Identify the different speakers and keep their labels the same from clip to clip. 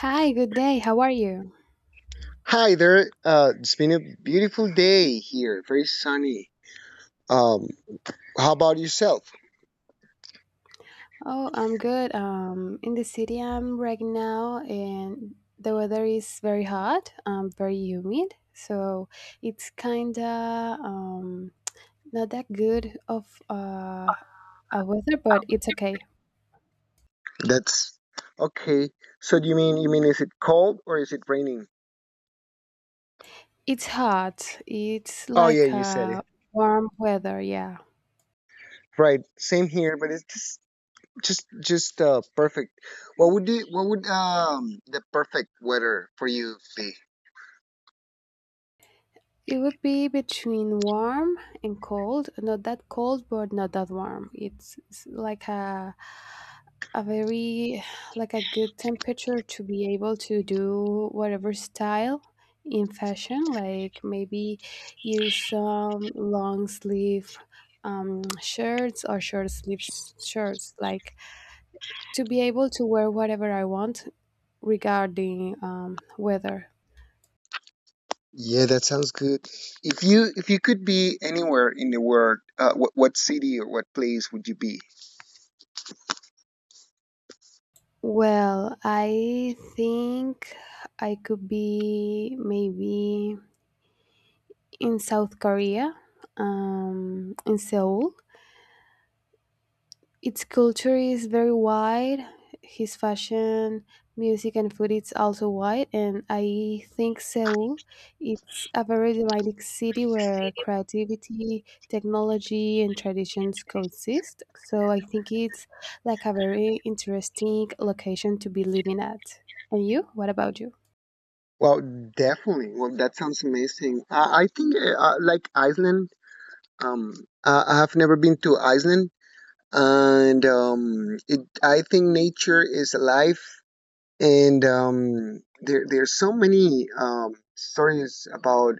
Speaker 1: Hi, good day. How are you?
Speaker 2: Hi there. It's been a beautiful day here, very sunny. Um, how about yourself?
Speaker 1: Oh, I'm good. In the city I'm right now, and the weather is very hot, very humid, so it's kinda not that good of a weather, but it's okay.
Speaker 2: That's okay. So do you mean is it cold or is it raining?
Speaker 1: It's hot. It's
Speaker 2: Oh yeah,
Speaker 1: like
Speaker 2: you said it
Speaker 1: a warm weather, yeah.
Speaker 2: right. Same here, but it's just just perfect. What would you, what would the perfect weather for you be?
Speaker 1: It would be between warm and cold. Not that cold, but not that warm. It's like a very like a good temperature to be able to do whatever style in fashion, like maybe use some long sleeve shirts or short sleeve shirts, like to be able to wear whatever I want regarding weather.
Speaker 2: Yeah, that sounds good. If you could be anywhere in the world, what city or what place would you be?
Speaker 1: Well, I think I could be maybe in South Korea, in Seoul. Its culture is very wide. His fashion, music, and food is also wide. And I think Seoul, it's a very dynamic city where creativity, technology, and traditions coexist. So I think it's like a very interesting location to be living at. And you? What about you?
Speaker 2: Well, definitely. Well, that sounds amazing. I think like Iceland. Um, I have never been to Iceland, and it. I think nature is alive, and there's so many stories about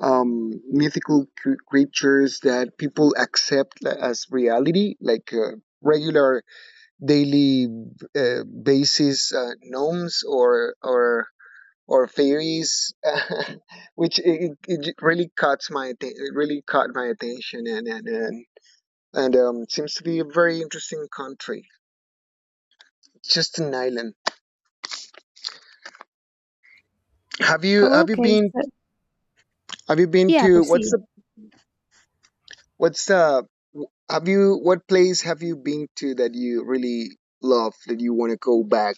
Speaker 2: mythical creatures that people accept as reality, like. Regular daily basis gnomes or or fairies, which it really it really caught my attention and seems to be a very interesting country. It's just an island. Have you
Speaker 1: Oh,
Speaker 2: have you
Speaker 1: okay.
Speaker 2: been
Speaker 1: So
Speaker 2: have you been
Speaker 1: yeah,
Speaker 2: to
Speaker 1: proceed.
Speaker 2: what's the what place have you been to that you really love, that you want to go back?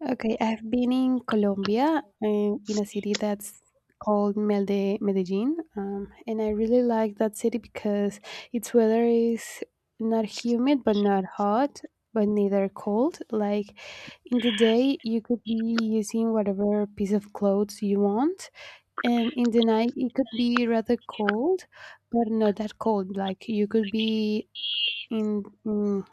Speaker 1: Okay, I've been in Colombia, in a city that's called Medellin, and I really like that city because its weather is not humid but not hot, but neither cold. Like in the day, you could be using whatever piece of clothes you want, and in the night, it could be rather cold, but not that cold. Like you could be in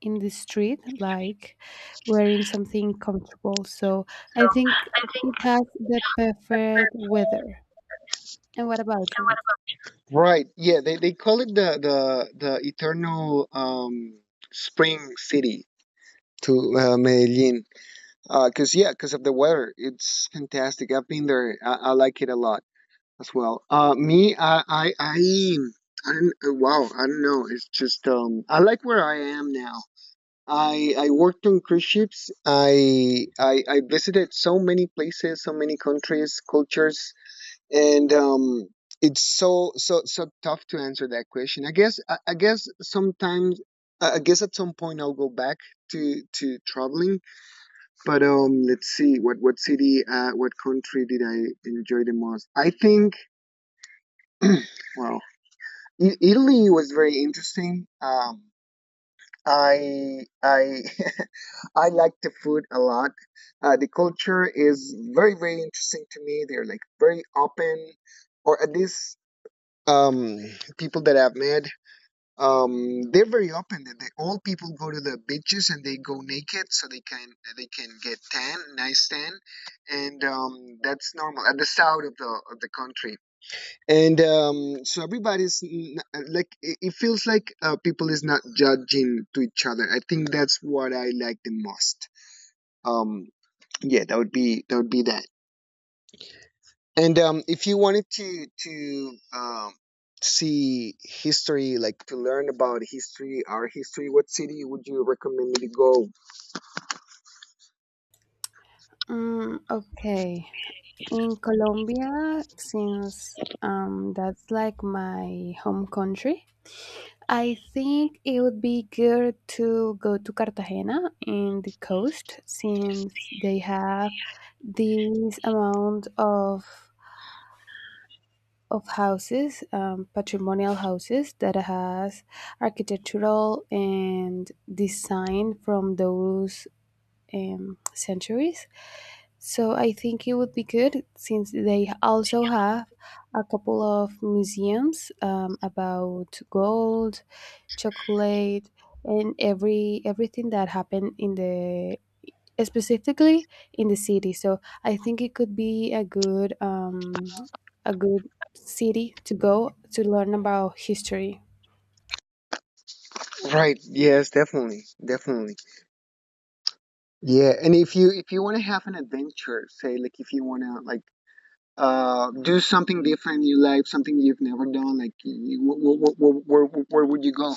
Speaker 1: in the street, like wearing something comfortable. So I think it has the perfect weather. And what about you?
Speaker 2: Right. Yeah, they call it the eternal spring city, to Medellin. Cause yeah, cause of the weather, it's fantastic. I've been there. I like it a lot as well. Me, I don't, wow, I don't know. It's just I like where I am now. I worked on cruise ships. I visited so many places, so many countries, cultures, and it's so tough to answer that question. I guess at some point I'll go back to traveling, but let's see what city, what country did I enjoy the most? I think, well, Italy was very interesting. I I like the food a lot. The culture is very interesting to me. They're like very open, or at least um people that I've met they're very open, that they, all people go to the beaches and they go naked so they can get tan, nice tan. And that's normal at the south of the country. And so everybody's like it feels like people is not judging to each other. I think that's what I like the most. um yeah, that would be that. And if you wanted to see history, like to learn about history, our history, what city would you recommend me to go?
Speaker 1: Mm, okay. In Colombia, since that's like my home country, I think it would be good to go to Cartagena in the coast, since they have this amount of houses, patrimonial houses that has architectural and design from those centuries. So I think it would be good, since they also have a couple of museums, about gold, chocolate, and everything that happened in the specifically in the city. So I think it could be a good, a good city to go to learn about history.
Speaker 2: Right. Yes, definitely, definitely. Yeah, and if you want to have an adventure, say like if you want to like do something different in your life, something you've never done, like you, where would you go?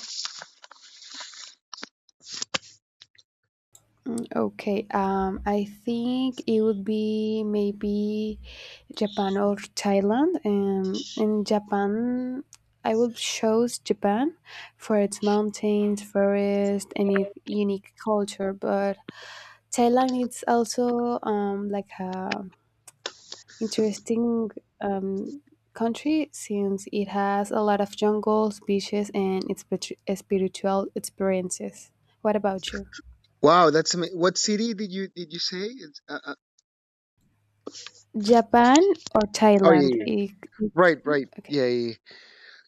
Speaker 1: Mm, okay, I think it would be maybe Japan or Thailand. In Japan, I would choose Japan for its mountains, forest, and unique culture. But Thailand is also like a interesting um, country, since it has a lot of jungles, beaches, and its spiritual experiences. What about you?
Speaker 2: Wow, that's what city did you say? It's,
Speaker 1: Japan or
Speaker 2: oh yeah,
Speaker 1: Thailand?
Speaker 2: yeah, yeah.
Speaker 1: It's
Speaker 2: Right, right, yeah,
Speaker 1: okay.
Speaker 2: yeah. yeah.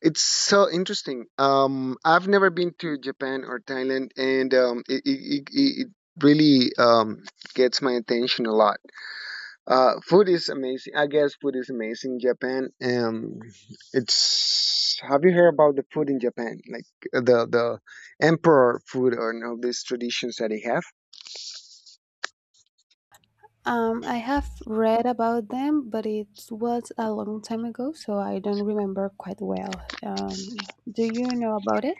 Speaker 2: It's so interesting. I've never been to Japan or Thailand, and it really gets my attention a lot. Food is amazing. I guess food is amazing in Japan. It's, have you heard about the food in Japan, like the emperor food or all these traditions that they have?
Speaker 1: I have read about them, but it was a long time ago, so I don't remember quite well. Do you know about it?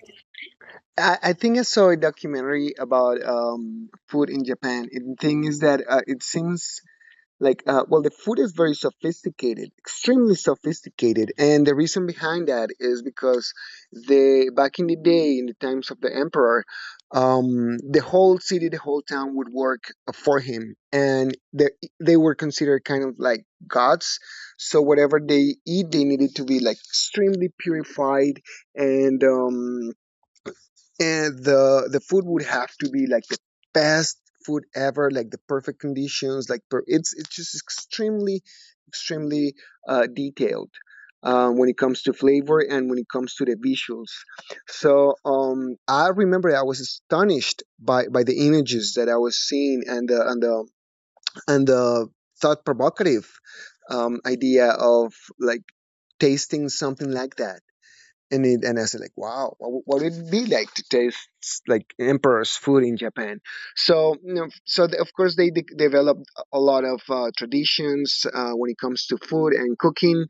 Speaker 2: I think I saw a documentary about food in Japan. And the thing is that it seems like well, the food is very sophisticated, extremely sophisticated, and the reason behind that is because they, back in the day in the times of the emperor, the whole city, the whole town would work for him. And they were considered kind of like gods, so whatever they eat they needed to be like extremely purified. And the food would have to be like the best food ever, like the perfect conditions, like it's just extremely detailed when it comes to flavor and when it comes to the visuals. So I remember I was astonished by the images that I was seeing, and the and the and the thought provocative idea of like tasting something like that in it. And I said like, wow, what would it be like to taste like emperor's food in Japan. So you know, so they, of course they developed a lot of traditions when it comes to food and cooking.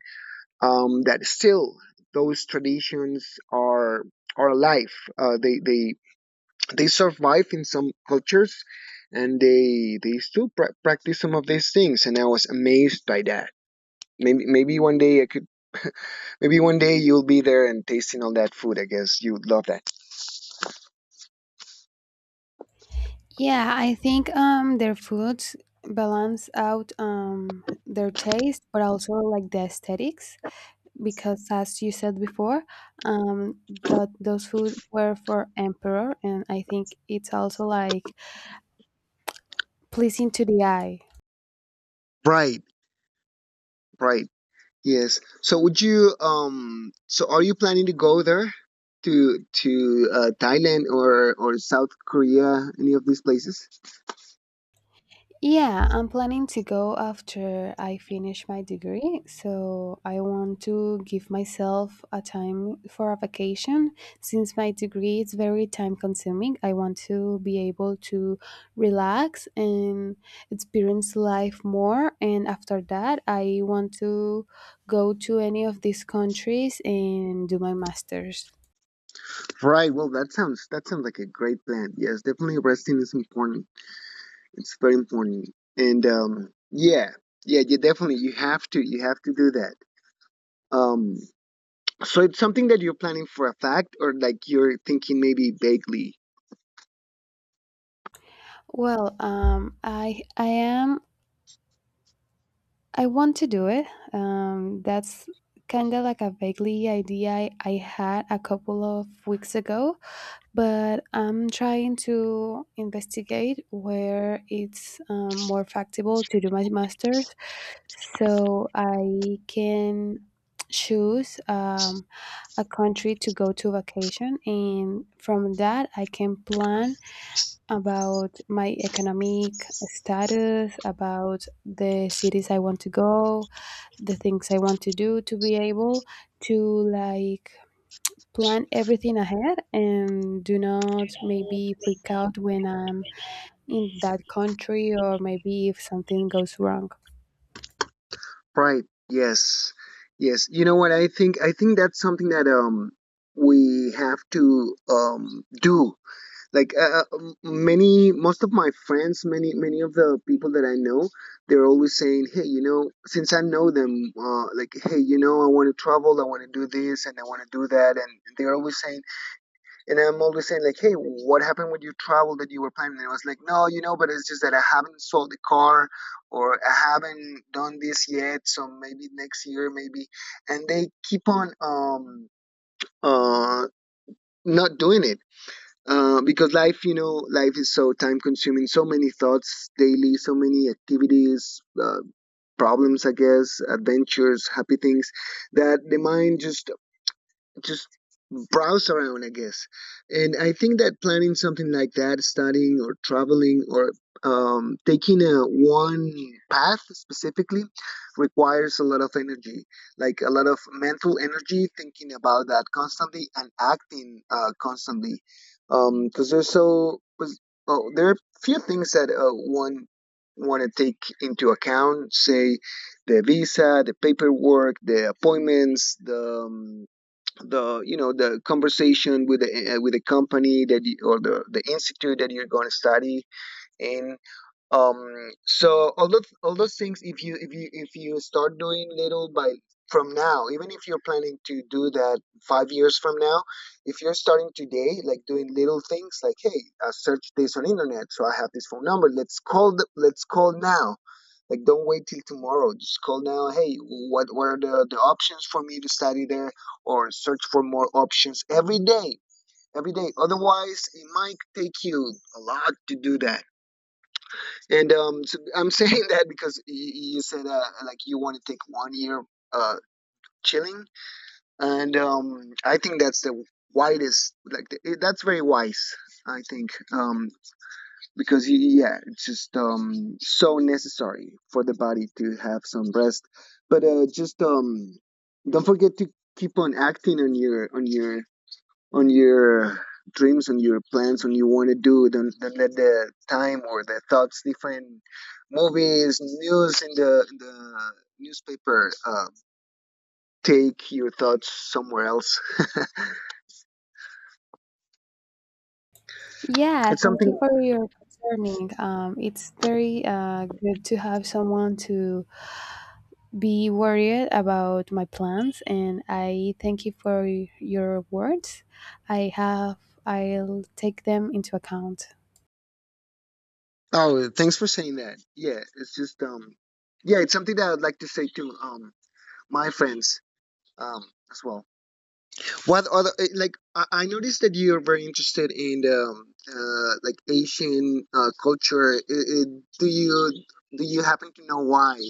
Speaker 2: That still, those traditions are alive. uh, they they they survive in some cultures, and they still practice some of these things, and I was amazed by that. Maybe one day I could, maybe one day you'll be there and tasting all that food. I guess you'd love that.
Speaker 1: Yeah, I think their foods balance out their taste, but also like the aesthetics, because as you said before, um that those food were for emperor, and I think it's also like pleasing to the eye.
Speaker 2: Right, right. Yes. So would you so are you planning to go there to Thailand or South Korea, any of these places?
Speaker 1: Yeah, I'm planning to go after I finish my degree. So I want to give myself a time for a vacation. Since my degree is very time consuming, I want to be able to relax and experience life more. And after that, I want to go to any of these countries and do my master's.
Speaker 2: Right. Well, that sounds, that sounds like a great plan. Yes, definitely resting is important. It's very important. And yeah. Yeah, you definitely you have to do that. Um, so it's something that you're planning for a fact, or like you're thinking maybe vaguely.
Speaker 1: Well, I am I want to do it. That's kind of like a vaguely idea I had a couple of weeks ago, but I'm trying to investigate where it's, more factible to do my master's, so I can choose, a country to go to vacation, and from that I can plan about my economic status, about the cities I want to go, the things I want to do to be able to like plan everything ahead and do not maybe freak out when I'm in that country or maybe if something goes wrong.
Speaker 2: Pride. Yes. Yes. You know what, I think that's something that we have to do. Like, many, most of my friends, many many of the people that I know, they're always saying, "Hey, you know, since I know them, like hey, you know, I want to travel, I want to do this and I want to do that." And they're always saying, and I'm always saying like, hey, what happened with your travel that you were planning? And I was like, no, you know, but it's just that I haven't sold the car or I haven't done this yet. So maybe next year, maybe. And they keep on uh not doing it. Because life, you know, life is so time consuming, so many thoughts daily, so many activities, problems, I guess, adventures, happy things, that the mind just browse around, I guess. And I think that planning something like that, studying or traveling or taking a one path specifically requires a lot of energy, like a lot of mental energy, thinking about that constantly and acting constantly. Because there's so, 'cause, oh, there are few things that one want to take into account, say the visa, the paperwork, the appointments, the you know the conversation with the company that you, or the institute that you're going to study in. So all those things, if you if you start doing little, by from now, even if you're planning to do that five years from now, if you're starting today, like doing little things like hey, search this on internet. So I have this phone number, let's call now. Like, don't wait till tomorrow. Just call now. Hey, what are the options for me to study there, or search for more options every day, every day. Otherwise, it might take you a lot to do that. And so I'm saying that because you said like you want to take one year uh chilling. And I think that's the widest. Like, the, that's very wise. I think. Because yeah, it's just so necessary for the body to have some rest. But just don't forget to keep on acting on your dreams, on your plans, on you want to do. Don't let the time or the thoughts, different movies, news in the newspaper, take your thoughts somewhere else.
Speaker 1: Yeah,
Speaker 2: It's
Speaker 1: thank you
Speaker 2: something.
Speaker 1: for your concerning. It's very good to have someone to be worried about my plans, and I thank you for your words. I have I'll take them into account.
Speaker 2: Oh thanks for saying that. Yeah, it's just yeah, it's something that I'd like to say too, my friends, um, as well. What other like I noticed that you are very interested in the like Asian culture. I Do you happen to know why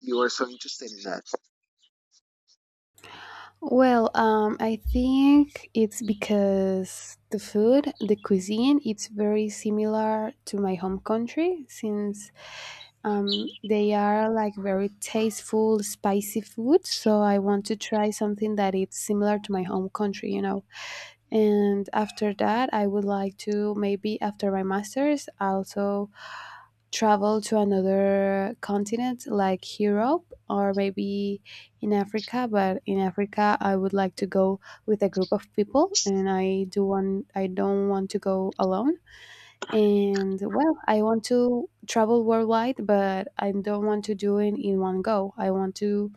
Speaker 2: you are so interested in that?
Speaker 1: Well, I think it's because the food, the cuisine, it's very similar to my home country since they are like very tasteful, spicy food. So I want to try something that it's similar to my home country, you know. And after that, I would like to maybe after my master's also travel to another continent like Europe or maybe in Africa. But in Africa, I would like to go with a group of people, and I don't want to go alone. And well, I want to travel worldwide, but I don't want to do it in one go. I want to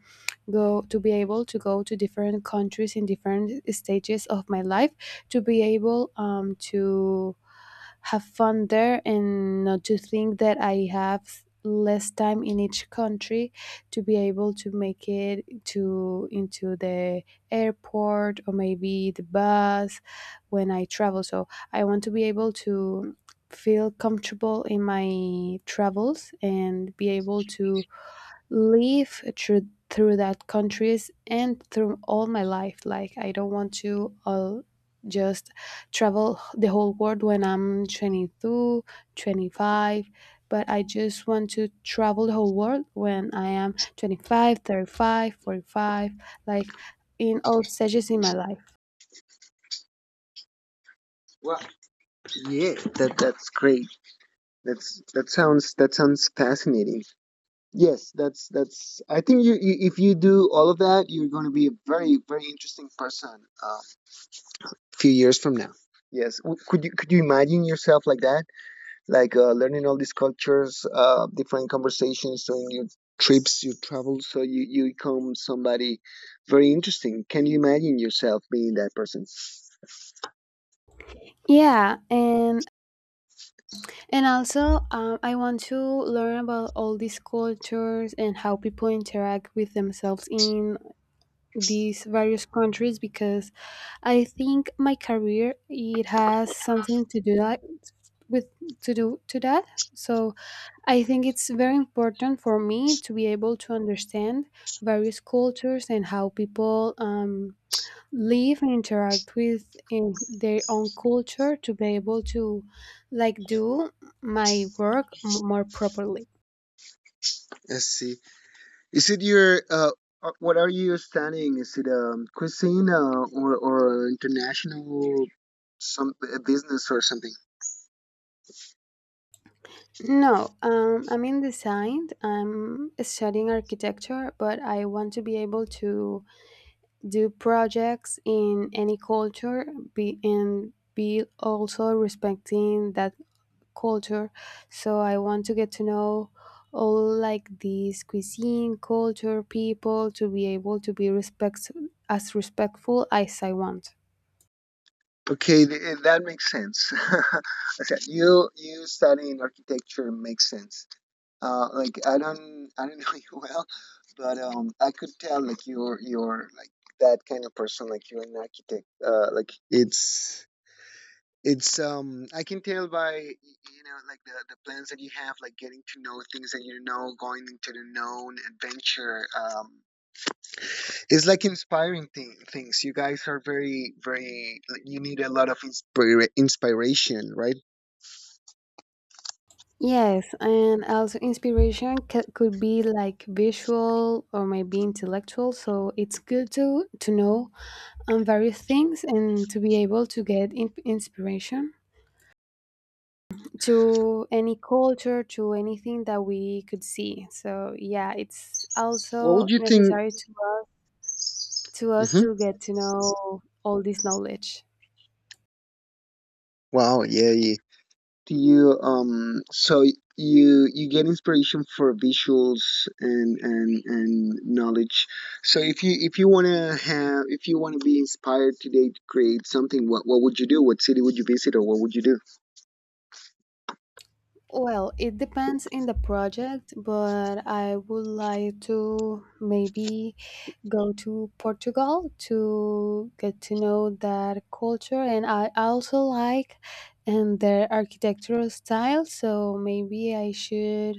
Speaker 1: go to be able to go to different countries in different stages of my life, to be able, to have fun there and not to think that I have less time in each country to be able to make it to into the airport or maybe the bus when I travel. So I want to be able to feel comfortable in my travels and be able to live through that countries and through all my life. Like I don't want to all just travel the whole world when I'm 25, but I just want to travel the whole world when I am 25, 35, 45. Like in all stages in my life.
Speaker 2: Well, yeah, that that's great. That's, that sounds, that sounds fascinating. Yes, that's. I think you, you if you do all of that, you're going to be a very interesting person. Few years from now. Yes, could you, could you imagine yourself like that? Like learning all these cultures, different conversations, doing your trips, your travels, so you become somebody very interesting. Can you imagine yourself being that person?
Speaker 1: Yeah, and also, I want to learn about all these cultures and how people interact with themselves in these various countries, because I think my career, it has something to do that with to that. So I think it's very important for me to be able to understand various cultures and how people, live and interact with in their own culture to be able to like do my work more properly.
Speaker 2: Let's see. Is it your what are you studying? Is it cuisine or international some business or something?
Speaker 1: No, I'm in design. I'm studying architecture, but I want to be able to do projects in any culture, be also respecting that culture. So I want to get to know all like these cuisine, culture, people to be able to be respect as respectful as I want.
Speaker 2: Okay, that makes sense. I said, you studying architecture makes sense. Like I don't know you well, but I could tell like you're like that kind of person. Like you're an architect. Like it's I can tell by like the plans that you have. Like getting to know things that going into the known adventure. It's like inspiring things. You guys are very very. Like, you need a lot of inspiration, right?
Speaker 1: Yes, and also inspiration could be like visual or maybe intellectual. So it's good to know on various things and to be able to get inspiration to any culture, to anything that we could see. So yeah, it's
Speaker 2: What
Speaker 1: also
Speaker 2: would you think?
Speaker 1: necessary to, to us
Speaker 2: Hmm.
Speaker 1: to get to know all this knowledge.
Speaker 2: Wow. Yeah. Yeah. Do you, so you get inspiration for visuals and and knowledge. So if you wanna have if you wanna be inspired today to create something, what would you do? What city would you visit, or what would you do?
Speaker 1: Well, it depends in the project, but I would like to maybe go to Portugal to get to know that culture. And I also like and their architectural style, so maybe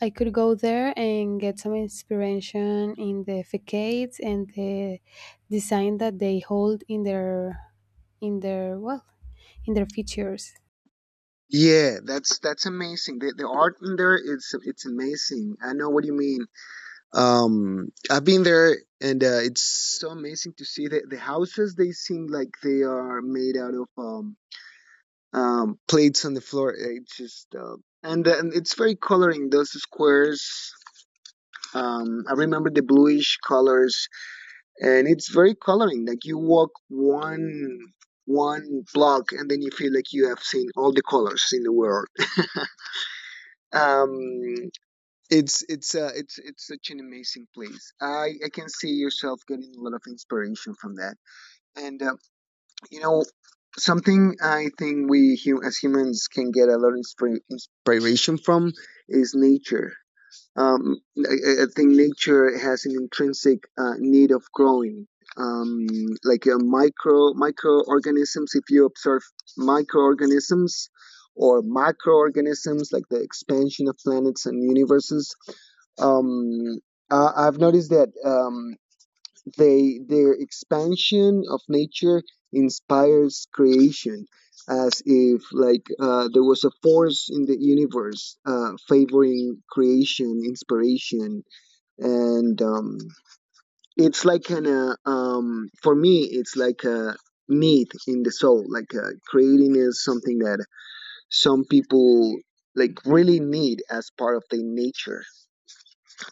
Speaker 1: I could go there and get some inspiration in the facades and the design that they hold in their well in their features.
Speaker 2: Yeah, that's amazing. The art in there, it's amazing. I know what you mean. I've been there, and it's so amazing to see the houses. They seem like they are made out of plates on the floor. It's just and it's very coloring those squares. I remember the bluish colors, and it's very coloring. Like you walk one block, and then you feel like you have seen all the colors in the world. Um, it's it's such an amazing place. I can see yourself getting a lot of inspiration from that. And You know, something I think as humans can get a lot of inspiration from is nature. I think nature has an intrinsic need of growing. Um, like microorganisms, if you observe microorganisms or macroorganisms, like the expansion of planets and universes, um, I've noticed that. They their expansion of nature inspires creation, as if like there was a force in the universe favoring creation, inspiration, and it's like kind of for me it's like a need in the soul. Like creating is something that some people like really need as part of their nature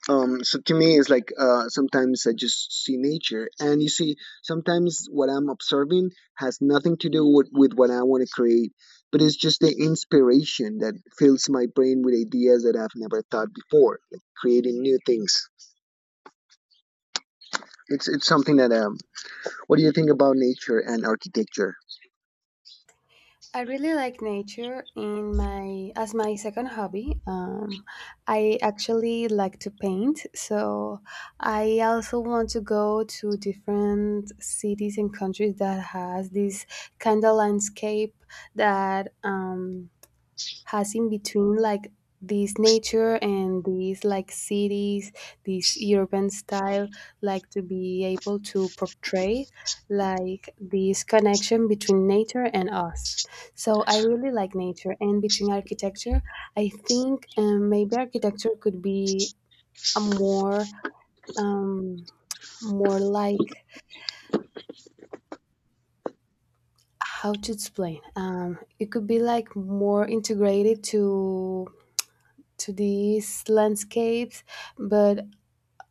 Speaker 2: um So to me it's like, sometimes I just see nature, and you see sometimes what I'm observing has nothing to do with what I want to create, but it's just the inspiration that fills my brain with ideas that I've never thought before, like creating new things. It's something that. What do you think about nature and architecture?
Speaker 1: I really like nature in my as my second hobby. I actually like to paint, so I also want to go to different cities and countries that has this kind of landscape that, has in between like this nature and these like cities, this urban style, like to be able to portray like this connection between nature and us. So I really like nature and between architecture, I think, maybe architecture could be a more, um, more like how to explain, it could be like more integrated to these landscapes, but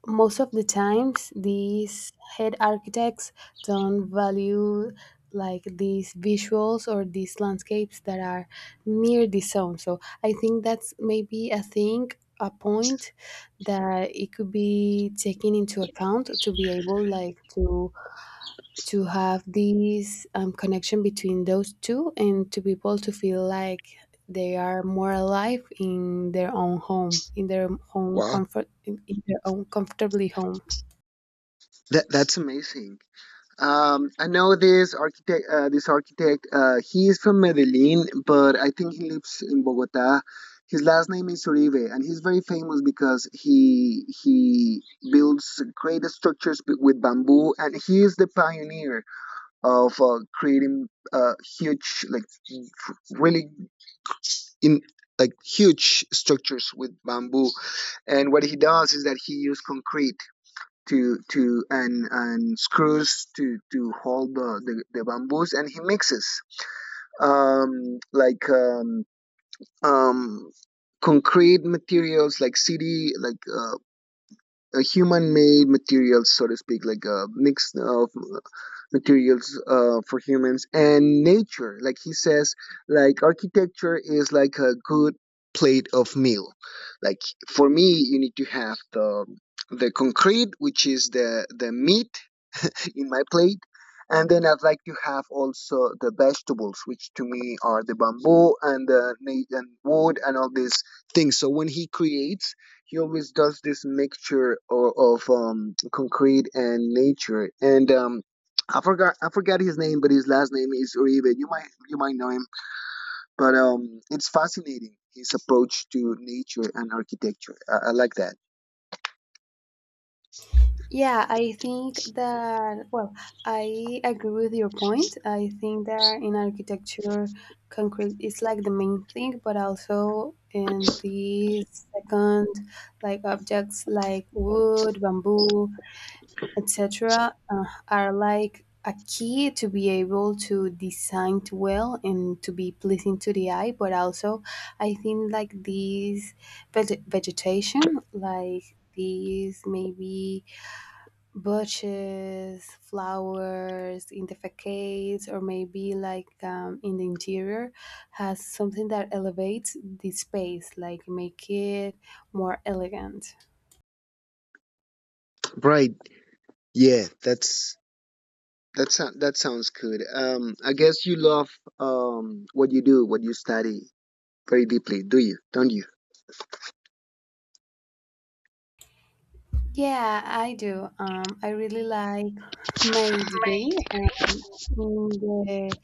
Speaker 1: most of the times these head architects don't value like these visuals or these landscapes that are near the zone. So I think that's maybe a thing, a point that it could be taken into account to be able like to have this, connection between those two and to people to feel like they are more alive in their own home, in their own
Speaker 2: Wow,
Speaker 1: comfort, in their own comfortably home.
Speaker 2: that's amazing. I know this architect. He is from Medellin, but I think he lives in Bogota. His last name is Uribe, and he's very famous because he builds great structures with bamboo, and he is the pioneer of creating uh, huge, like really in like huge structures with bamboo. And what he does is that he used concrete to and screws to hold the bamboos, and he mixes um like um um concrete materials, like city, like human made materials, so to speak, like a mix of materials for humans and nature. Like he says, like architecture is like a good plate of meal. Like, for me, you need to have the concrete, which is the meat in my plate. And then I'd like to have also the vegetables, which to me are the bamboo and and wood and all these things. So when he creates, he always does this mixture of concrete and nature. And um, I forgot his name, but his last name is Uribe. You might know him, but it's fascinating, his approach to nature and architecture. I like that.
Speaker 1: Yeah, I think that, well, I agree with your point. I think that in architecture, concrete is like the main thing, but also in the second, like objects like wood, bamboo, etc., are like a key to be able to design it well and to be pleasing to the eye. But also, I think like these vegetation, like these maybe bushes, flowers in the facades, or maybe like, in the interior, has something that elevates the space, like make it more elegant.
Speaker 2: Right. Yeah, that's. That sound that sounds good. I guess you love what you do, what you study very deeply, do you? Don't you?
Speaker 1: Yeah, I do. I really like my degree. In the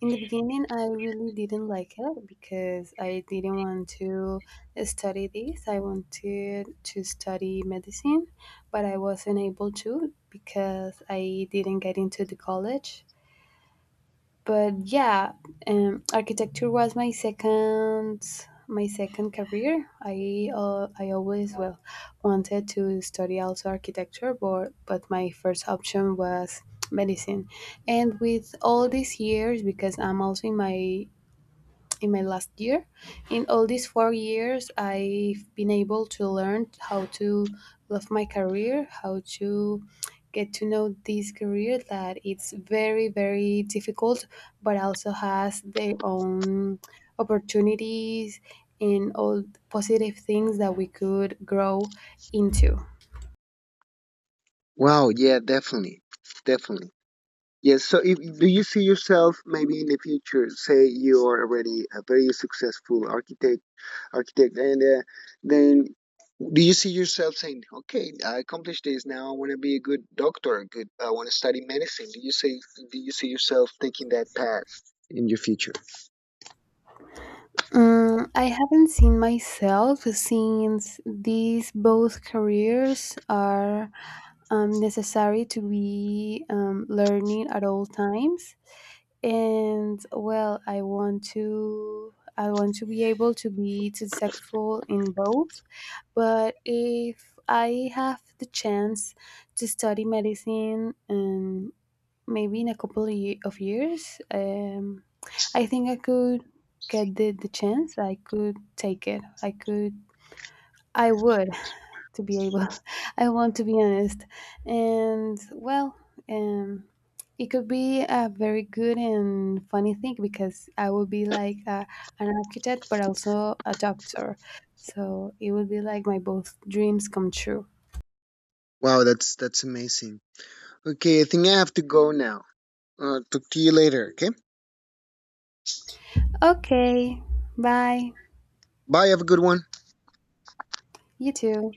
Speaker 1: in the beginning, I really didn't like it because I didn't want to study this. I wanted to study medicine, but I wasn't able to because I didn't get into the college. But yeah, architecture was my second career. I, I always well wanted to study also architecture, but my first option was medicine. And with all these years, because I'm also in my last year. In all these 4 years, I've been able to learn how to love my career, how to get to know this career that it's very, very difficult, but also has their own opportunities and all positive things that we could grow into.
Speaker 2: Wow, yeah, definitely, definitely. Yes. So, if, do you see yourself maybe in the future? Say you are already a very successful architect, and then do you see yourself saying, "Okay, I accomplished this. Now I want to be a good doctor. A Good. I want to study medicine." Do you say? Do you see yourself taking that path in your future?
Speaker 1: Mm, I haven't seen myself since these both careers are, necessary to be learning at all times. And well, I want to be able to be successful in both. But if I have the chance to study medicine, maybe in a couple of years, I think I could get the chance. I could take it. I could. I would to be able. I want to be honest, and well, um, it could be a very good and funny thing because I would be like a, an architect, but also a doctor. So it would be like my both dreams come true.
Speaker 2: Wow, that's amazing. Okay, I think I have to go now. Talk to you later, okay?
Speaker 1: Okay, bye.
Speaker 2: Bye, have a good one.
Speaker 1: You too.